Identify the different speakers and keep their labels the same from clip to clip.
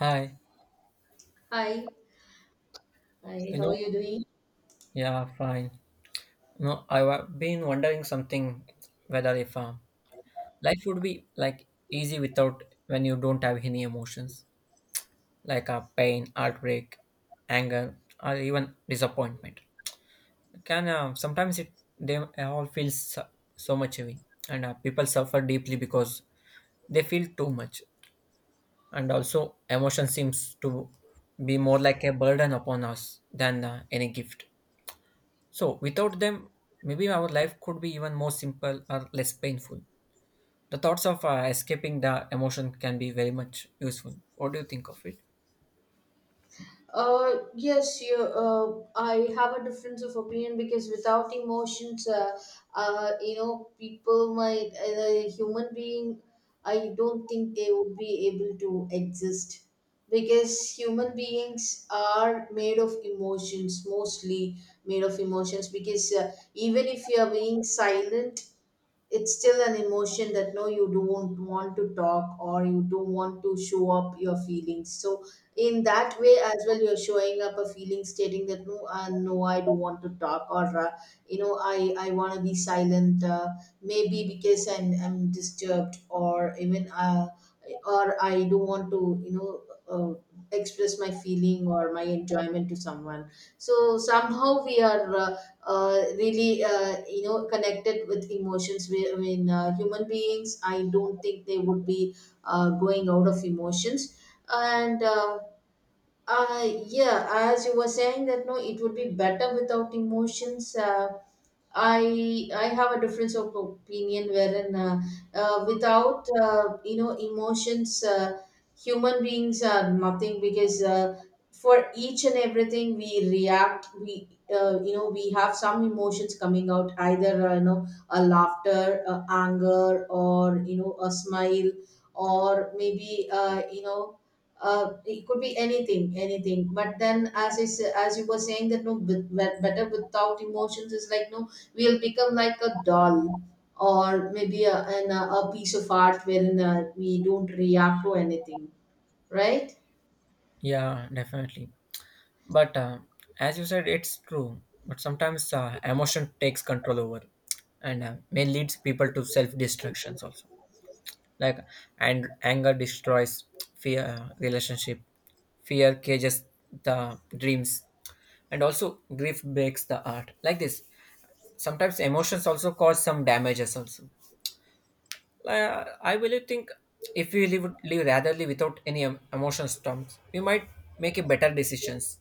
Speaker 1: Hi,
Speaker 2: Hi, hi.
Speaker 1: you
Speaker 2: How are
Speaker 1: know,
Speaker 2: you doing?
Speaker 1: yeah, fine. No, I've been wondering something whether if life would be like easy without when you don't have any emotions like pain, heartbreak, anger, or even disappointment. Can sometimes it they all feel so much heavy, and people suffer deeply because they feel too much, and also emotion seems to be more like a burden upon us than any gift. So, without them, maybe our life could be even more simple or less painful. The thoughts of escaping the emotion can be very much useful. What do you think of it?
Speaker 2: Yes, you, I have a difference of opinion because without emotions, people might, human being, I don't think they would be able to exist because human beings are made of emotions, mostly made of emotions. Because even if you are being silent, it's still an emotion that no you don't want to talk or you don't want to show up your feelings, so in that way as well you're showing up a feeling stating that no, no, I don't want to talk, or, I want to be silent, maybe because I'm disturbed, or even, or I don't want to uh, express my feeling or my enjoyment to someone. So somehow we are really connected with emotions. I mean, human beings, I don't think they would be going out of emotions. And yeah, as you were saying that no, it would be better without emotions, I have a difference of opinion wherein without emotions, human beings are nothing, because for each and everything we react. We we have some emotions coming out, either a laughter, anger, or you know, a smile, or maybe, it could be anything, anything. But then, as as you were saying, that no, better without emotions is like, no, we'll become like a doll, or maybe a piece of art wherein we don't react to anything, right?
Speaker 1: Yeah, definitely. But as you said, it's true. But sometimes emotion takes control over and may leads people to self destructions also. Like and anger destroys fear relationship, fear cages the dreams, and also grief breaks the art. Like this, sometimes emotions also cause some damages also. I really think if we live ratherly without any emotional storms, we might make a better decisions.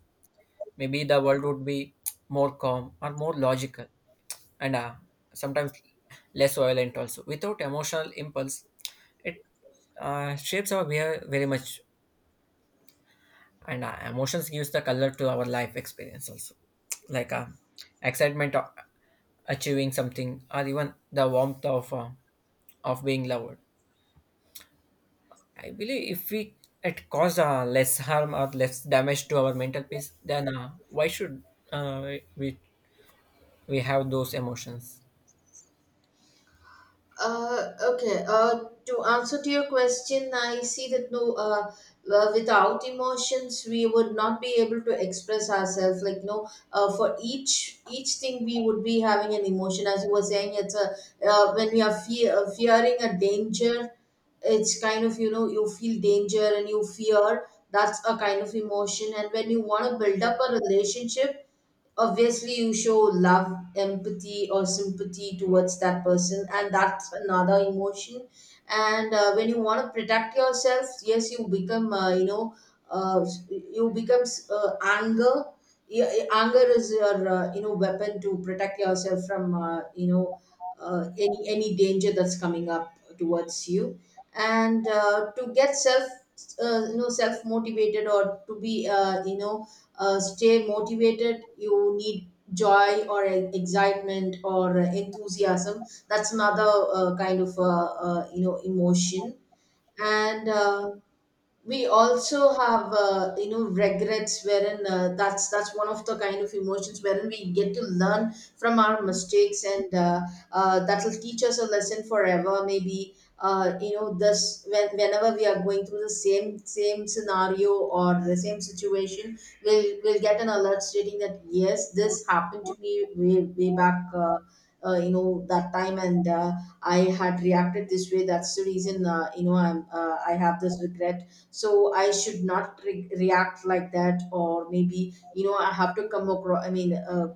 Speaker 1: Maybe the world would be more calm or more logical, and sometimes less violent also without emotional impulse. It shapes our behavior very much, and emotions gives the color to our life experience also, like excitement of achieving something or even the warmth of being loved. I believe if we it cause less harm or less damage to our mental peace, then why should uh, we we have those emotions?
Speaker 2: Okay. To answer to your question, I see that no, without emotions, we would not be able to express ourselves. Like no, for each thing, we would be having an emotion. As you were saying, it's a, when we are fear, fearing a danger, it's kind of, you know, you feel danger and you fear. That's a kind of emotion. And when you want to build up a relationship, obviously you show love, empathy, or sympathy towards that person, and that's another emotion. And when you want to protect yourself, yes, you become uh, you becomes anger. Yeah, anger is your weapon to protect yourself from any danger that's coming up towards you. And to get self self motivated, or to be stay motivated, you need joy or excitement or enthusiasm. That's another kind of emotion. And we also have regrets, wherein that's one of the kind of emotions wherein we get to learn from our mistakes, and that will teach us a lesson forever, maybe, this when, whenever we are going through the same scenario or the same situation, we'll get an alert stating that yes, this happened to me way, way back that time, and I had reacted this way. That's the reason, I have this regret, so I should not react like that, or maybe, you know, I have to come across, i mean uh,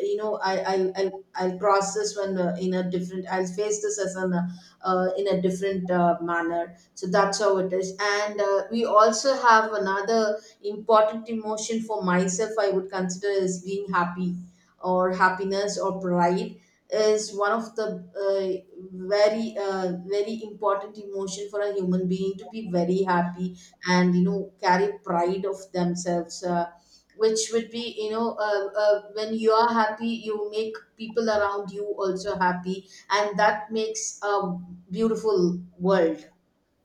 Speaker 2: you know I, I'll process when in a different, I'll face this as an in a different manner. So that's how it is. And we also have another important emotion. For myself, I would consider as being happy, or happiness or pride is one of the very important emotion for a human being, to be very happy and, you know, carry pride of themselves, which would be, you know, when you are happy you make people around you also happy, and that makes a beautiful world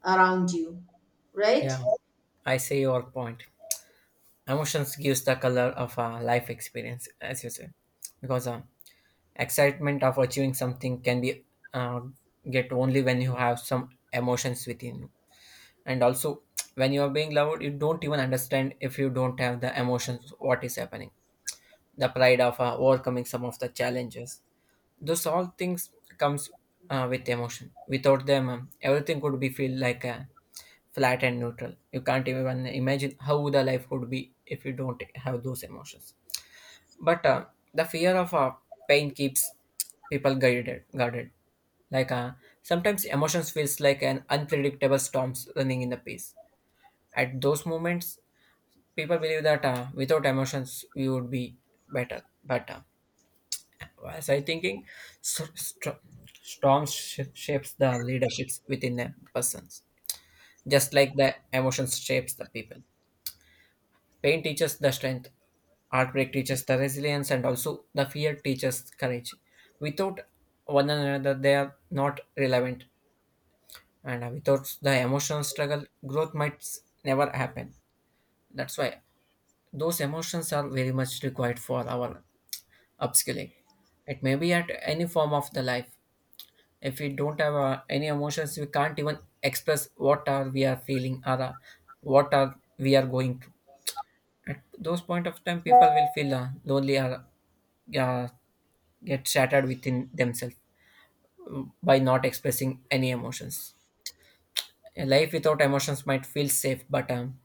Speaker 2: around you, right?
Speaker 1: Yeah, I see your point. Emotions gives the color of a life experience, as you said, because excitement of achieving something can be uh, get only when you have some emotions within you, and also when you are being loved, you don't even understand if you don't have the emotions what is happening. The pride of overcoming some of the challenges. Those all things comes with emotion. Without them, everything could be feel like flat and neutral. You can't even imagine how the life would be if you don't have those emotions. But the fear of pain keeps people guarded. Like sometimes emotions feels like an unpredictable storms running in the peace. At those moments, people believe that without emotions we would be better. But as I thinking, st- st- storm shapes the leaderships within a persons, just like the emotions shapes the people. Pain teaches the strength, heartbreak teaches the resilience, and also the fear teaches courage. Without one another, they are not relevant, and without the emotional struggle, growth might never happen. That's why those emotions are very much required for our upskilling. It may be at any form of the life. If we don't have any emotions, we can't even express what are we are feeling or what are we are going through. At those point of time, people will feel lonely or uh, get shattered within themselves by not expressing any emotions. A life without emotions might feel safe, but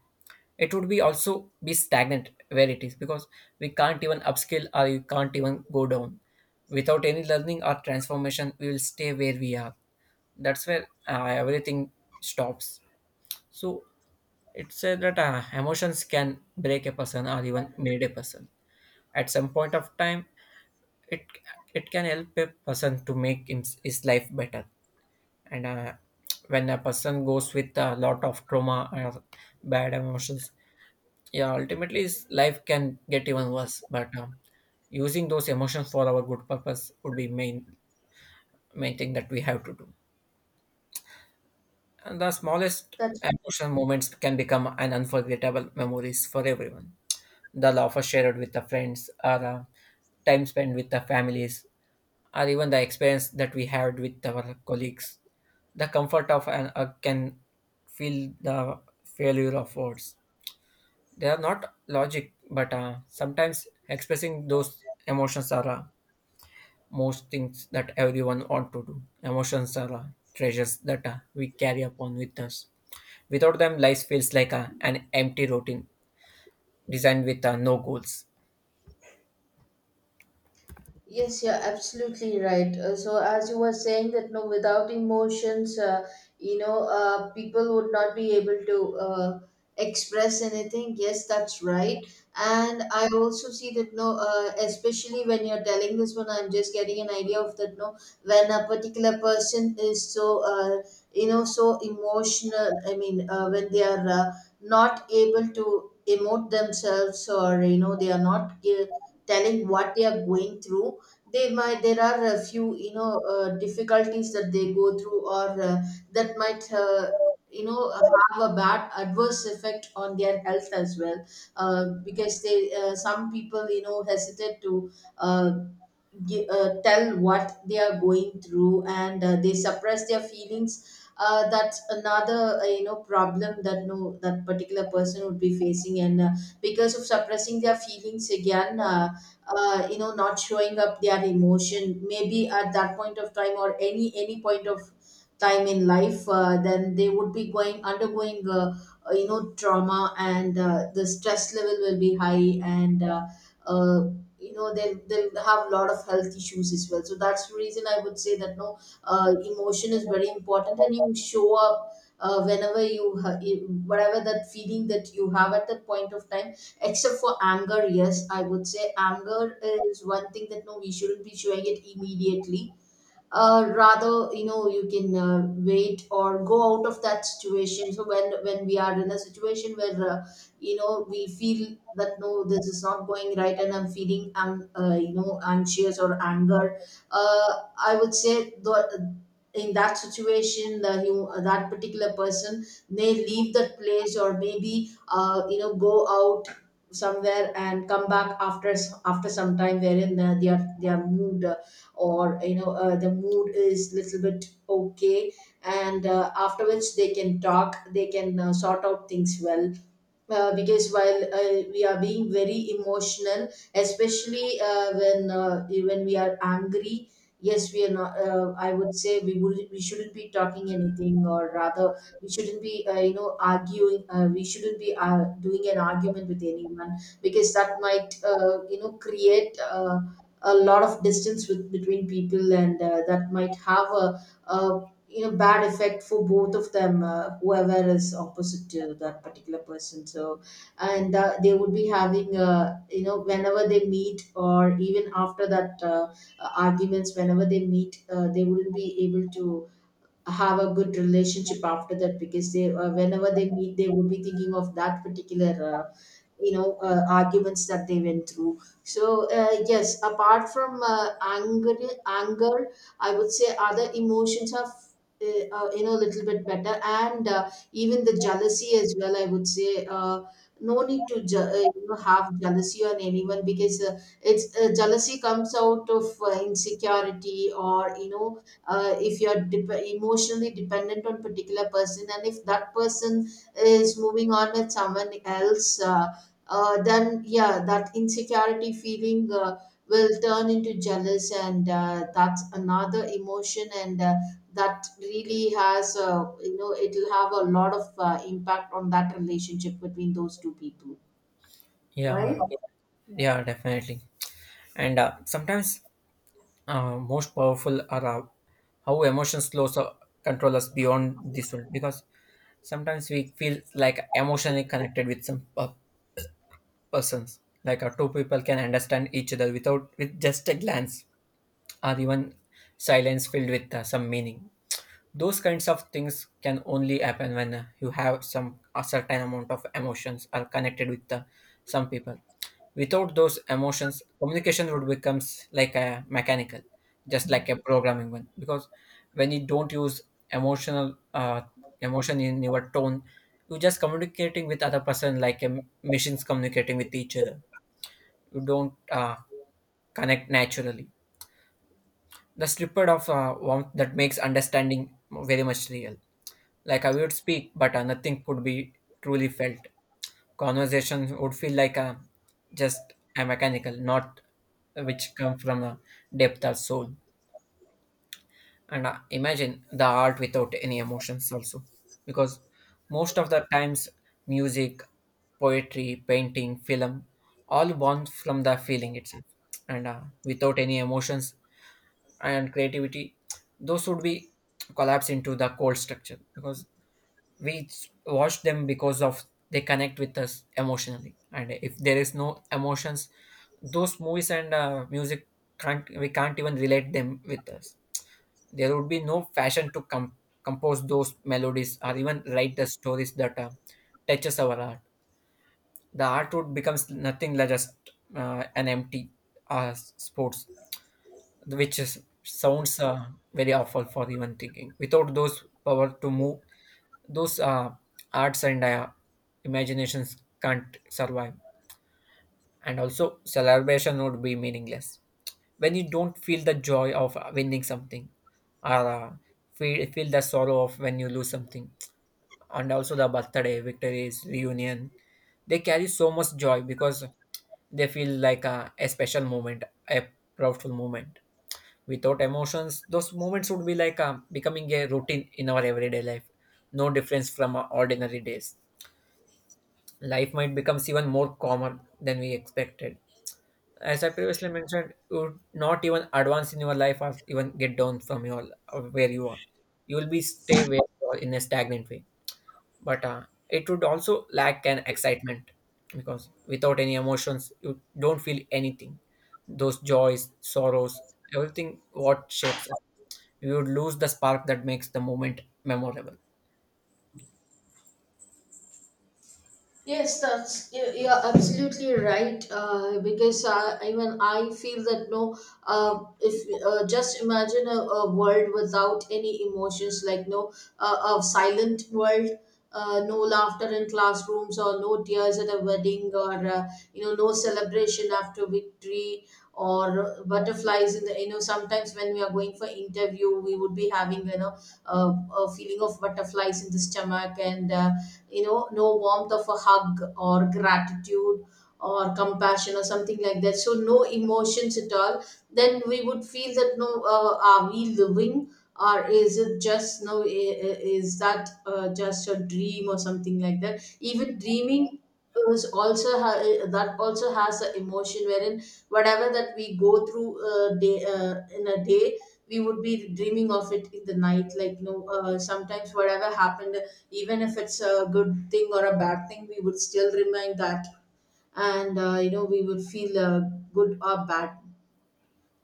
Speaker 1: it would be also be stagnant where it is because we can't even upskill or you can't even go down. Without any learning or transformation, we will stay where we are. That's where everything stops. So it said that emotions can break a person or even made a person. At some point of time, it it can help a person to make in, his life better. And when a person goes with a lot of trauma or bad emotions, yeah, ultimately his life can get even worse. But using those emotions for our good purpose would be main thing that we have to do. And the smallest
Speaker 2: that's
Speaker 1: emotional moments can become an unforgettable memories for everyone. The laughter shared with the friends or the time spent with the families or even the experience that we had with our colleagues. The comfort of an hug can feel the failure of words. They are not logic, but sometimes expressing those emotions are most things that everyone want to do. Emotions are treasures that we carry upon with us. Without them, life feels like a, an empty routine designed with no goals.
Speaker 2: Yes, you're absolutely right. So, as you were saying that no, without emotions, people would not be able to express anything. Yes, that's right. And I also see that no, especially when you're telling this one, I'm just getting an idea of that no, when a particular person is so, so emotional. I mean, when they are not able to emote themselves, or, you know, they are not telling what they are going through, they might, there are a few, you know, difficulties that they go through, or that might you know uh, have a bad adverse effect on their health as well, because they some people, you know, hesitate to uh, tell what they are going through, and they suppress their feelings. That's another problem that no, that particular person would be facing, and because of suppressing their feelings again, not showing up their emotion maybe at that point of time, or any point of time in life, then they would be going, undergoing trauma, and the stress level will be high, and uh, they'll have a lot of health issues as well. So that's the reason I would say that no, emotion is very important, and you show up whenever whatever that feeling that you have at that point of time, except for anger. Yes, I would say anger is one thing that no, we shouldn't be showing it immediately. Rather, you know, you can wait or go out of that situation. So when we are in a situation where we feel that no, this is not going right, and I'm feeling, I'm anxious or anger, I would say the, in that situation, the you that particular person may leave that place, or maybe, go out somewhere and come back after after some time, wherein their mood, or, you know, the mood is little bit okay, and after which they can talk, they can sort out things well. Because while we are being very emotional, especially when we are angry, yes, we are not. I would say we shouldn't be talking anything, or rather, we shouldn't be arguing. We shouldn't be doing an argument with anyone, because that might create a lot of distance with, between people, and that might have a, you know, bad effect for both of them, whoever is opposite to that particular person. So and they would be having, whenever they meet or even after that arguments, whenever they meet, they wouldn't be able to have a good relationship after that, because they whenever they meet, they would be thinking of that particular arguments that they went through. So yes, apart from anger, anger, I would say other emotions are a little bit better. And even the jealousy as well, I would say, no need to you know, have jealousy on anyone, because it's jealousy comes out of insecurity, or you know, if you're emotionally dependent on particular person, and if that person is moving on with someone else, then yeah, that insecurity feeling will turn into jealous, and that's another emotion, and that really has it'll have a lot of impact on that relationship between those two people, right?
Speaker 1: yeah yeah, definitely. And sometimes most powerful are how emotions close control us beyond this world, because sometimes we feel like emotionally connected with some persons, like two people can understand each other without with just a glance, or even silence filled with some meaning. Those kinds of things can only happen when you have some a certain amount of emotions are connected with the, some people. Without those emotions, communication would becomes like a mechanical, just like a programming one. Because when you don't use emotional uh, emotion in your tone, you're just communicating with other person like a machines communicating with each other. You don't connect naturally. The slippage of warmth that makes understanding very much real. Like I would speak, but nothing could be truly felt. Conversation would feel like a just a mechanical, not which come from a depth or soul. And imagine the art without any emotions also, because most of the times music, poetry, painting, film, all born from the feeling itself. And without any emotions and creativity, those would be collapse into the cold structure, because we watch them because of they connect with us emotionally. And if there is no emotions, those movies and music can't we can't even relate them with us. There would be no fashion to compose those melodies or even write the stories that touches our art. The art would becomes nothing like just an empty uh, sports, which is sounds very awful for even thinking. Without those power to move, those arts and imaginations can't survive. And also celebration would be meaningless when you don't feel the joy of winning something, or feel the sorrow of when you lose something. And also the birthday victories reunion, they carry so much joy because they feel like a special moment, a proudful moment. Without emotions, those moments would be like becoming a routine in our everyday life, no difference from our ordinary days. Life might become even more calmer than we expected. As I previously mentioned, you would not even advance in your life or even get down from your of where you are. You will be stay where you are in a stagnant way. But it would also lack an excitement because without any emotions, you don't feel anything. Those joys, sorrows, everything what shapes up. You would lose the spark that makes the moment memorable.
Speaker 2: Yes, you're absolutely right. Because even I feel that no, if just imagine a world without any emotions, like no, a silent world, no laughter in classrooms, or no tears at a wedding, or no celebration after victory, or butterflies in the, you know, sometimes when we are going for interview, we would be having, you know, a feeling of butterflies in the stomach and. No warmth of a hug or gratitude or compassion or something like that, so no emotions at all. Then we would feel that, no, are we living, or is it just, no, is that, just a dream or something like that? Even dreaming is also that also has an emotion, wherein whatever that we go through, day in a day, we would be dreaming of it in the night. Like, no, sometimes whatever happened, even if it's a good thing or a bad thing, we would still remind that. And we would feel good or bad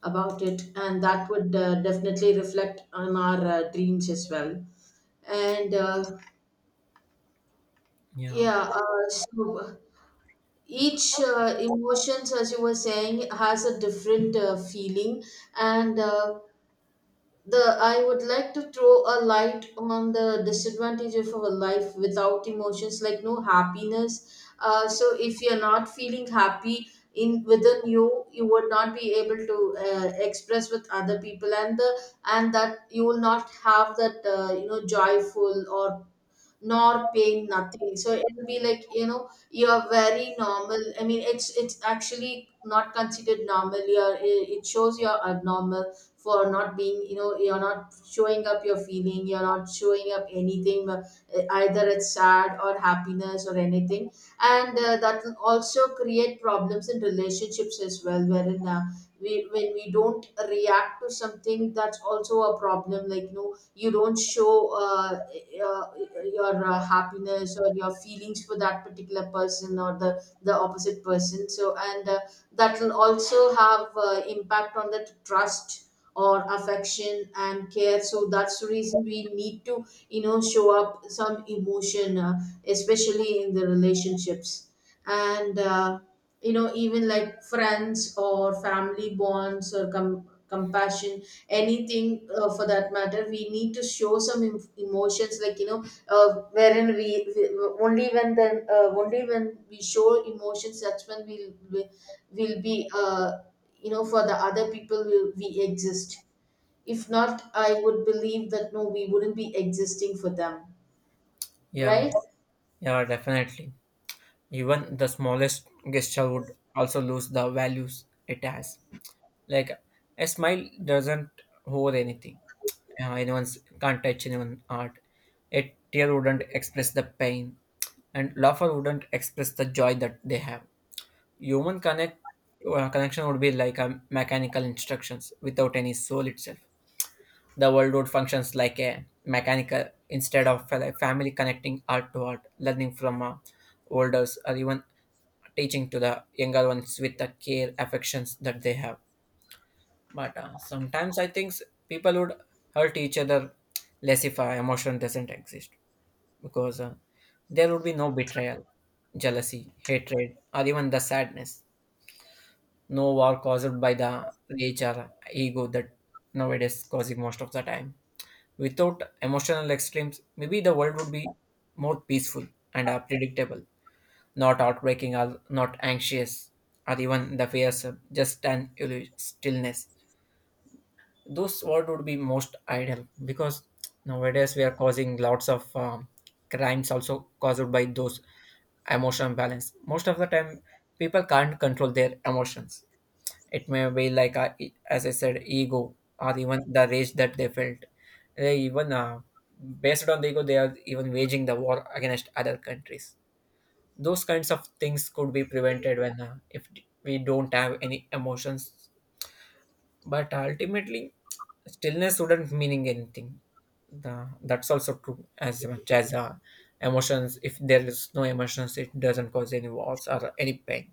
Speaker 2: about it, and that would definitely reflect on our dreams as well. And
Speaker 1: Yeah,
Speaker 2: yeah. So each emotions, as you were saying, has a different feeling. And the I would like to throw a light on the disadvantage of our life without emotions, like no happiness. So if you're not feeling happy in within you, you would not be able to express with other people. And the and that you will not have that, joyful or nor pain, nothing. So it'll be like, you're very normal. I mean, it's actually not considered normal. You're, it shows you're abnormal for not being, you're not showing up your feeling. You're not showing up anything, either it's sad or happiness or anything. And that will also create problems in relationships as well, wherein, when we don't react to something, that's also a problem. Like, you don't show uh, your happiness or your feelings for that particular person or the opposite person. So, and that will also have impact on the trust or affection and care. So that's the reason we need to, show up some emotion, especially in the relationships. And even like friends or family bonds or compassion, anything for that matter, we need to show some emotions, like, wherein we only when, then only when we show emotions, that's when will be, for the other people will we exist. If not, I would believe that, no, we wouldn't be existing for them,
Speaker 1: yeah,
Speaker 2: right?
Speaker 1: yeah, definitely. Even the smallest gesture would also lose the values it has. Like a smile doesn't hold anything. Anyone's can't touch anyone's art. A tear wouldn't express the pain, and laughter wouldn't express the joy that they have. Human connection would be like a mechanical instructions without any soul itself. The world would functions like a mechanical instead of a family connecting art to art, learning from elders, or even teaching to the younger ones with the care affections that they have. But sometimes I think people would hurt each other less if emotion doesn't exist, because there would be no betrayal, jealousy, hatred, or even the sadness. No war caused by the rage or ego that nowadays causing most of the time. Without emotional extremes, maybe the world would be more peaceful and predictable, not heartbreaking or not anxious, or even the fears of just an stillness. Those words would be most ideal because nowadays we are causing lots of crimes also caused by those emotional balance. Most of the time people can't control their emotions. It may be like as I said, ego or even the rage that they felt. They even based on the ego, they are even waging the war against other countries. Those kinds of things could be prevented when if we don't have any emotions. But ultimately, stillness wouldn't meaning anything. The, that's also true. As much as emotions, if there is no emotions, it doesn't cause any wars or any pain.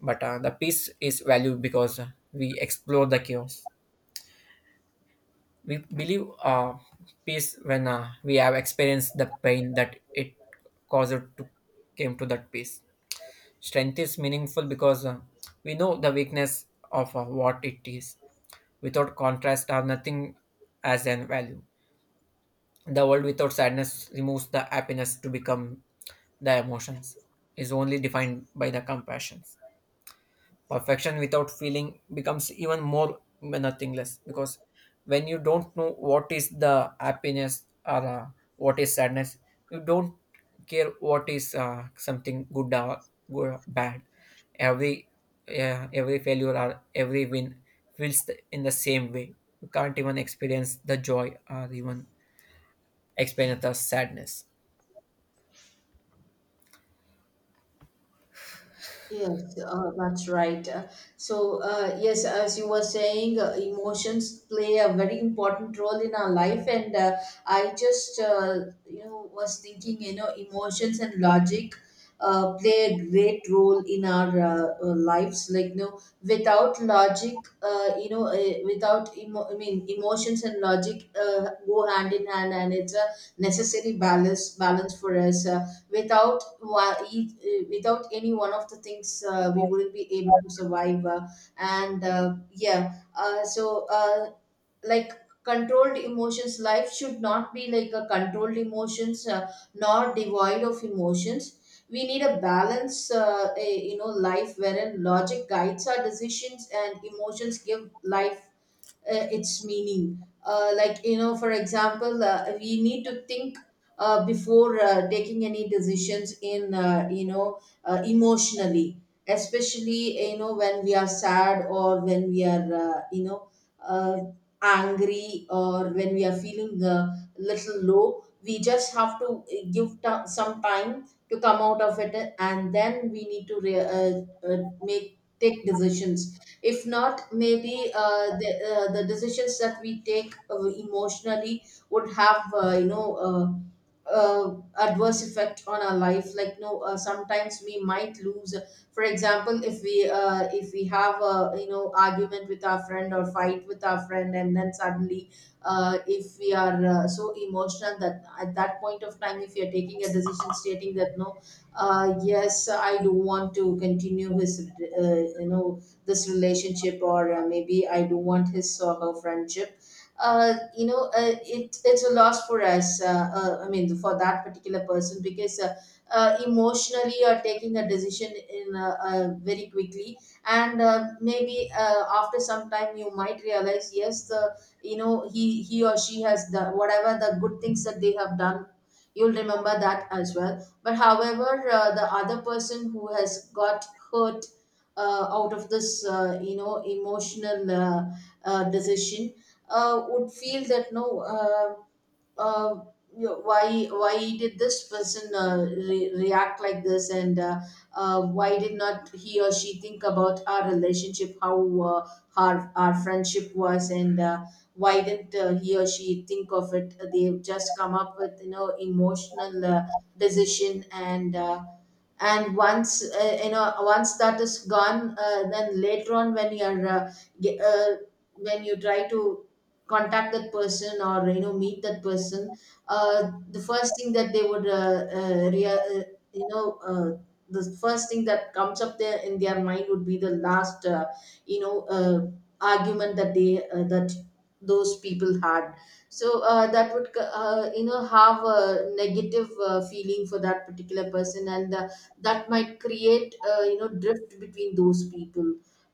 Speaker 1: But the peace is valued because we explore the chaos. We believe peace when we have experienced the pain that it caused to came to that peace. Strength is meaningful because we know the weakness of what it is. Without contrast, or nothing as an value. The world without sadness removes the happiness to become the emotions, is only defined by the compassions. Perfection without feeling becomes even more nothingness, because when you don't know what is the happiness or what is sadness, you don't care what is something good or good or bad. every every failure or every win feels the, in the same way. You can't even experience the joy or even experience the sadness.
Speaker 2: Yes, that's right. So, yes, as you were saying, emotions play a very important role in our life. And I just, was thinking, emotions and logic play a great role in our lives. Like, without logic, without I mean, emotions and logic go hand in hand, and it's a necessary balance for us. Without wa- each, Without any one of the things, we wouldn't be able to survive. And, yeah. So, like, controlled emotions, life should not be like a controlled emotions, nor devoid of emotions. We need a balance, a, you know life wherein logic guides our decisions and emotions give life its meaning. Like, for example, we need to think before taking any decisions in, emotionally, especially, when we are sad, or when we are, uh, angry, or when we are feeling a little low. We just have to, give some time to come out of it, and then we need to re- make take decisions. If not, maybe, the decisions that we take emotionally would have adverse effect on our life, like, no, sometimes we might lose. For example, if we, if we have a, argument with our friend or fight with our friend, and then suddenly, if we are so emotional that at that point of time, if you're taking a decision stating that, no, yes, I do want to continue his, uh, you know this relationship, or maybe I do want his or her friendship. It's a loss for us. I mean, for that particular person, because, emotionally, or taking a decision in, very quickly. And maybe after some time you might realize, yes, the you know he or she has done whatever the good things that they have done. You'll remember that as well. But however, the other person who has got hurt out of this, emotional decision, would feel that, no, uh, why did this person, react like this, and, why did not he or she think about our relationship, how our friendship was, and why didn't, he or she think of it? They've just come up with, emotional decision. And uh, and once uh, you know once that is gone, then later on, when you're ge- uh, when you try to contact that person or, you know, meet that person, the first thing that they would, you know uh, the first thing that comes up there in their mind would be the last, you know uh, argument that they that those people had. So that would, have a negative feeling for that particular person. And that might create, drift between those people.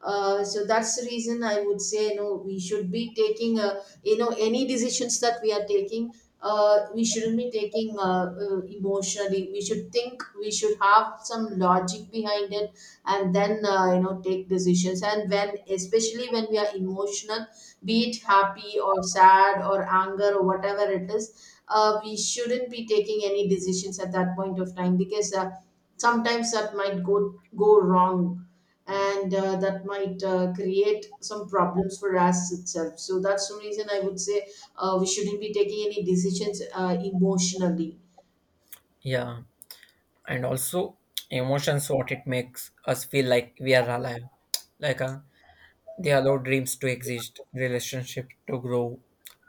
Speaker 2: So that's the reason I would say, you know, we should be taking a, any decisions that we are taking, we shouldn't be taking emotionally. We should think, we should have some logic behind it, and then, take decisions. And when, especially when we are emotional, be it happy or sad or anger or whatever it is, we shouldn't be taking any decisions at that point of time, because sometimes that might go wrong, and that might create some problems for us itself. So that's the reason I would say, we shouldn't be taking any decisions emotionally.
Speaker 1: Yeah, and also emotions what it makes us feel like we are alive, like a. They allow dreams to exist, relationships to grow,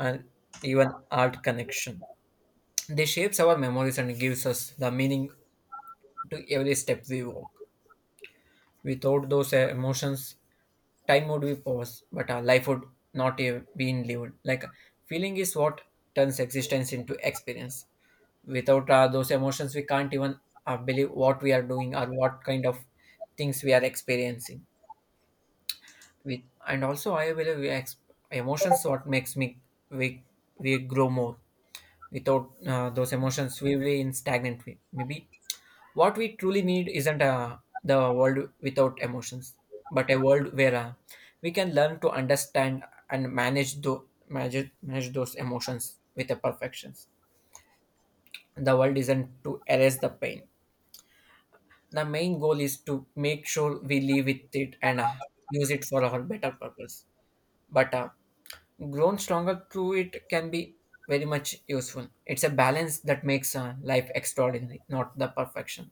Speaker 1: and even art connection. They shapes our memories and gives us the meaning to every step we walk. Without those emotions, time would be paused, but our life would not have been lived. Like feeling is what turns existence into experience. Without those emotions, we can't even believe what we are doing or what kind of things we are experiencing. With and also I believe emotions what makes me we we grow more. Without those emotions we will be in stagnant way maybe. What we truly need isn't the world without emotions, but a world where we can learn to understand and manage those manage those emotions with the perfections. The world isn't to erase the pain. The main goal is to make sure we live with it and use it for our better purpose. But grown stronger through it can be very much useful. It's a balance that makes life extraordinary, not the perfection.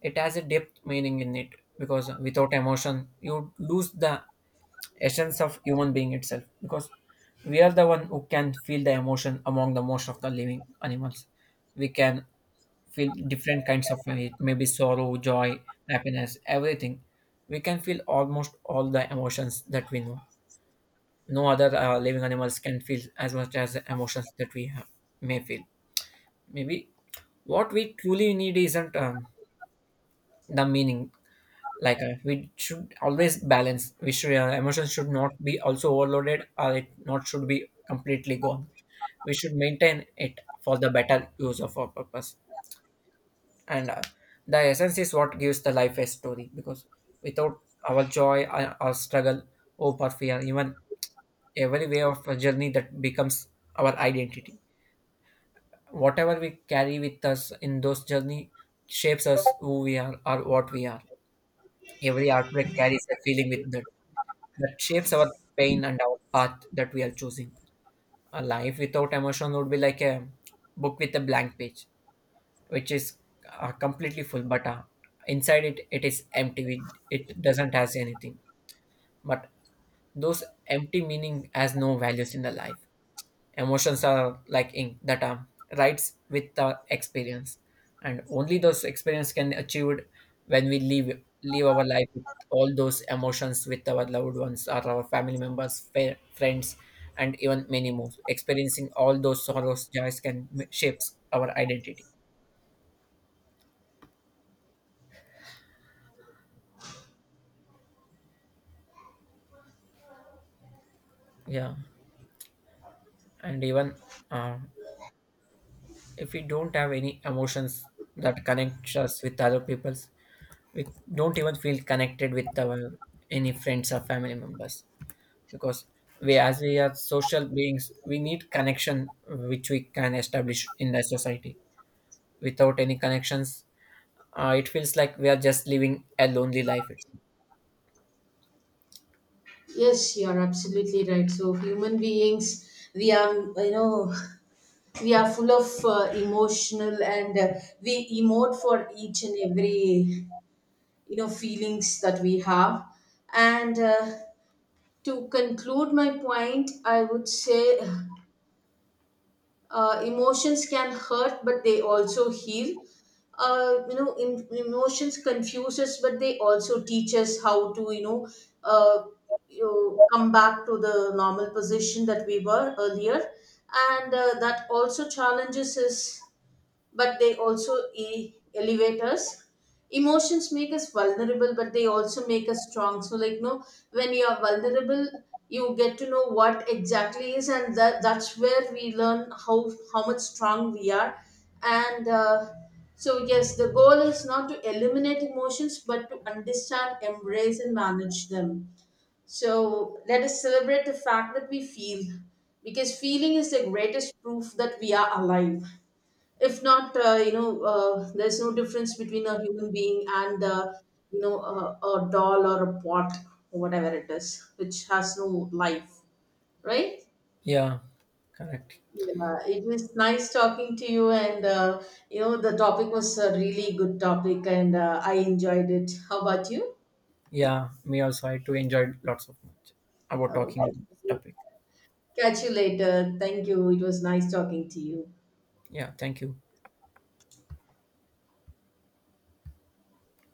Speaker 1: It has a depth meaning in it, because without emotion, you lose the essence of human being itself. Because we are the one who can feel the emotion among the most of the living animals. We can feel different kinds of it, maybe sorrow, joy, happiness, everything. We can feel almost all the emotions that we know. No other living animals can feel as much as the emotions that we have, may feel. Maybe what we truly need isn't the meaning. Like we should always balance. We should Emotions should not be also overloaded, or it not should be completely gone. We should maintain it for the better use of our purpose. And the essence is what gives the life a story. Because without our joy, our struggle, hope, or fear, even every way of a journey that becomes our identity. Whatever we carry with us in those journey shapes us who we are or what we are. Every heartbreak carries a feeling with that that shapes our pain and our path that we are choosing. A life without emotion would be like a book with a blank page, which is completely full, but inside it it is empty. It doesn't has anything, but those empty meaning has no values in the life. Emotions are like ink that are writes with the experience, and only those experience can achieved when we live our life with all those emotions with our loved ones or our family members, friends, and even many more. Experiencing all those sorrows, joys can shapes our identity. Yeah, and even uh, if we don't have any emotions that connect us with other people's, we don't even feel connected with our any friends or family members, because we as we are social beings we need connection which we can establish in the society. Without any connections, it feels like we are just living a lonely life itself.
Speaker 2: Yes, you are absolutely right. So human beings, we are, full of emotional. And we emote for each and every, feelings that we have. And to conclude my point, I would say, emotions can hurt, but they also heal. Emotions confuse us, but they also teach us how to, uh, come back to the normal position that we were earlier. And that also challenges us, but they also elevate us. Emotions make us vulnerable, but they also make us strong. So, like, no, when you are vulnerable, you get to know what exactly is, and that's where we learn how much strong we are. And so, yes, the goal is not to eliminate emotions, but to understand, embrace and manage them. So let us celebrate the fact that we feel, because feeling is the greatest proof that we are alive. If not, there's no difference between a human being and, a doll or a pot, or whatever it is, which has no life, right?
Speaker 1: Yeah, correct.
Speaker 2: Yeah, it was nice talking to you. And the topic was a really good topic, and I enjoyed it. How about you?
Speaker 1: Yeah, me also, I too enjoyed lots of much about talking on
Speaker 2: Okay.
Speaker 1: this topic.
Speaker 2: Catch you later. Thank you, it was nice talking to you.
Speaker 1: Yeah, thank you.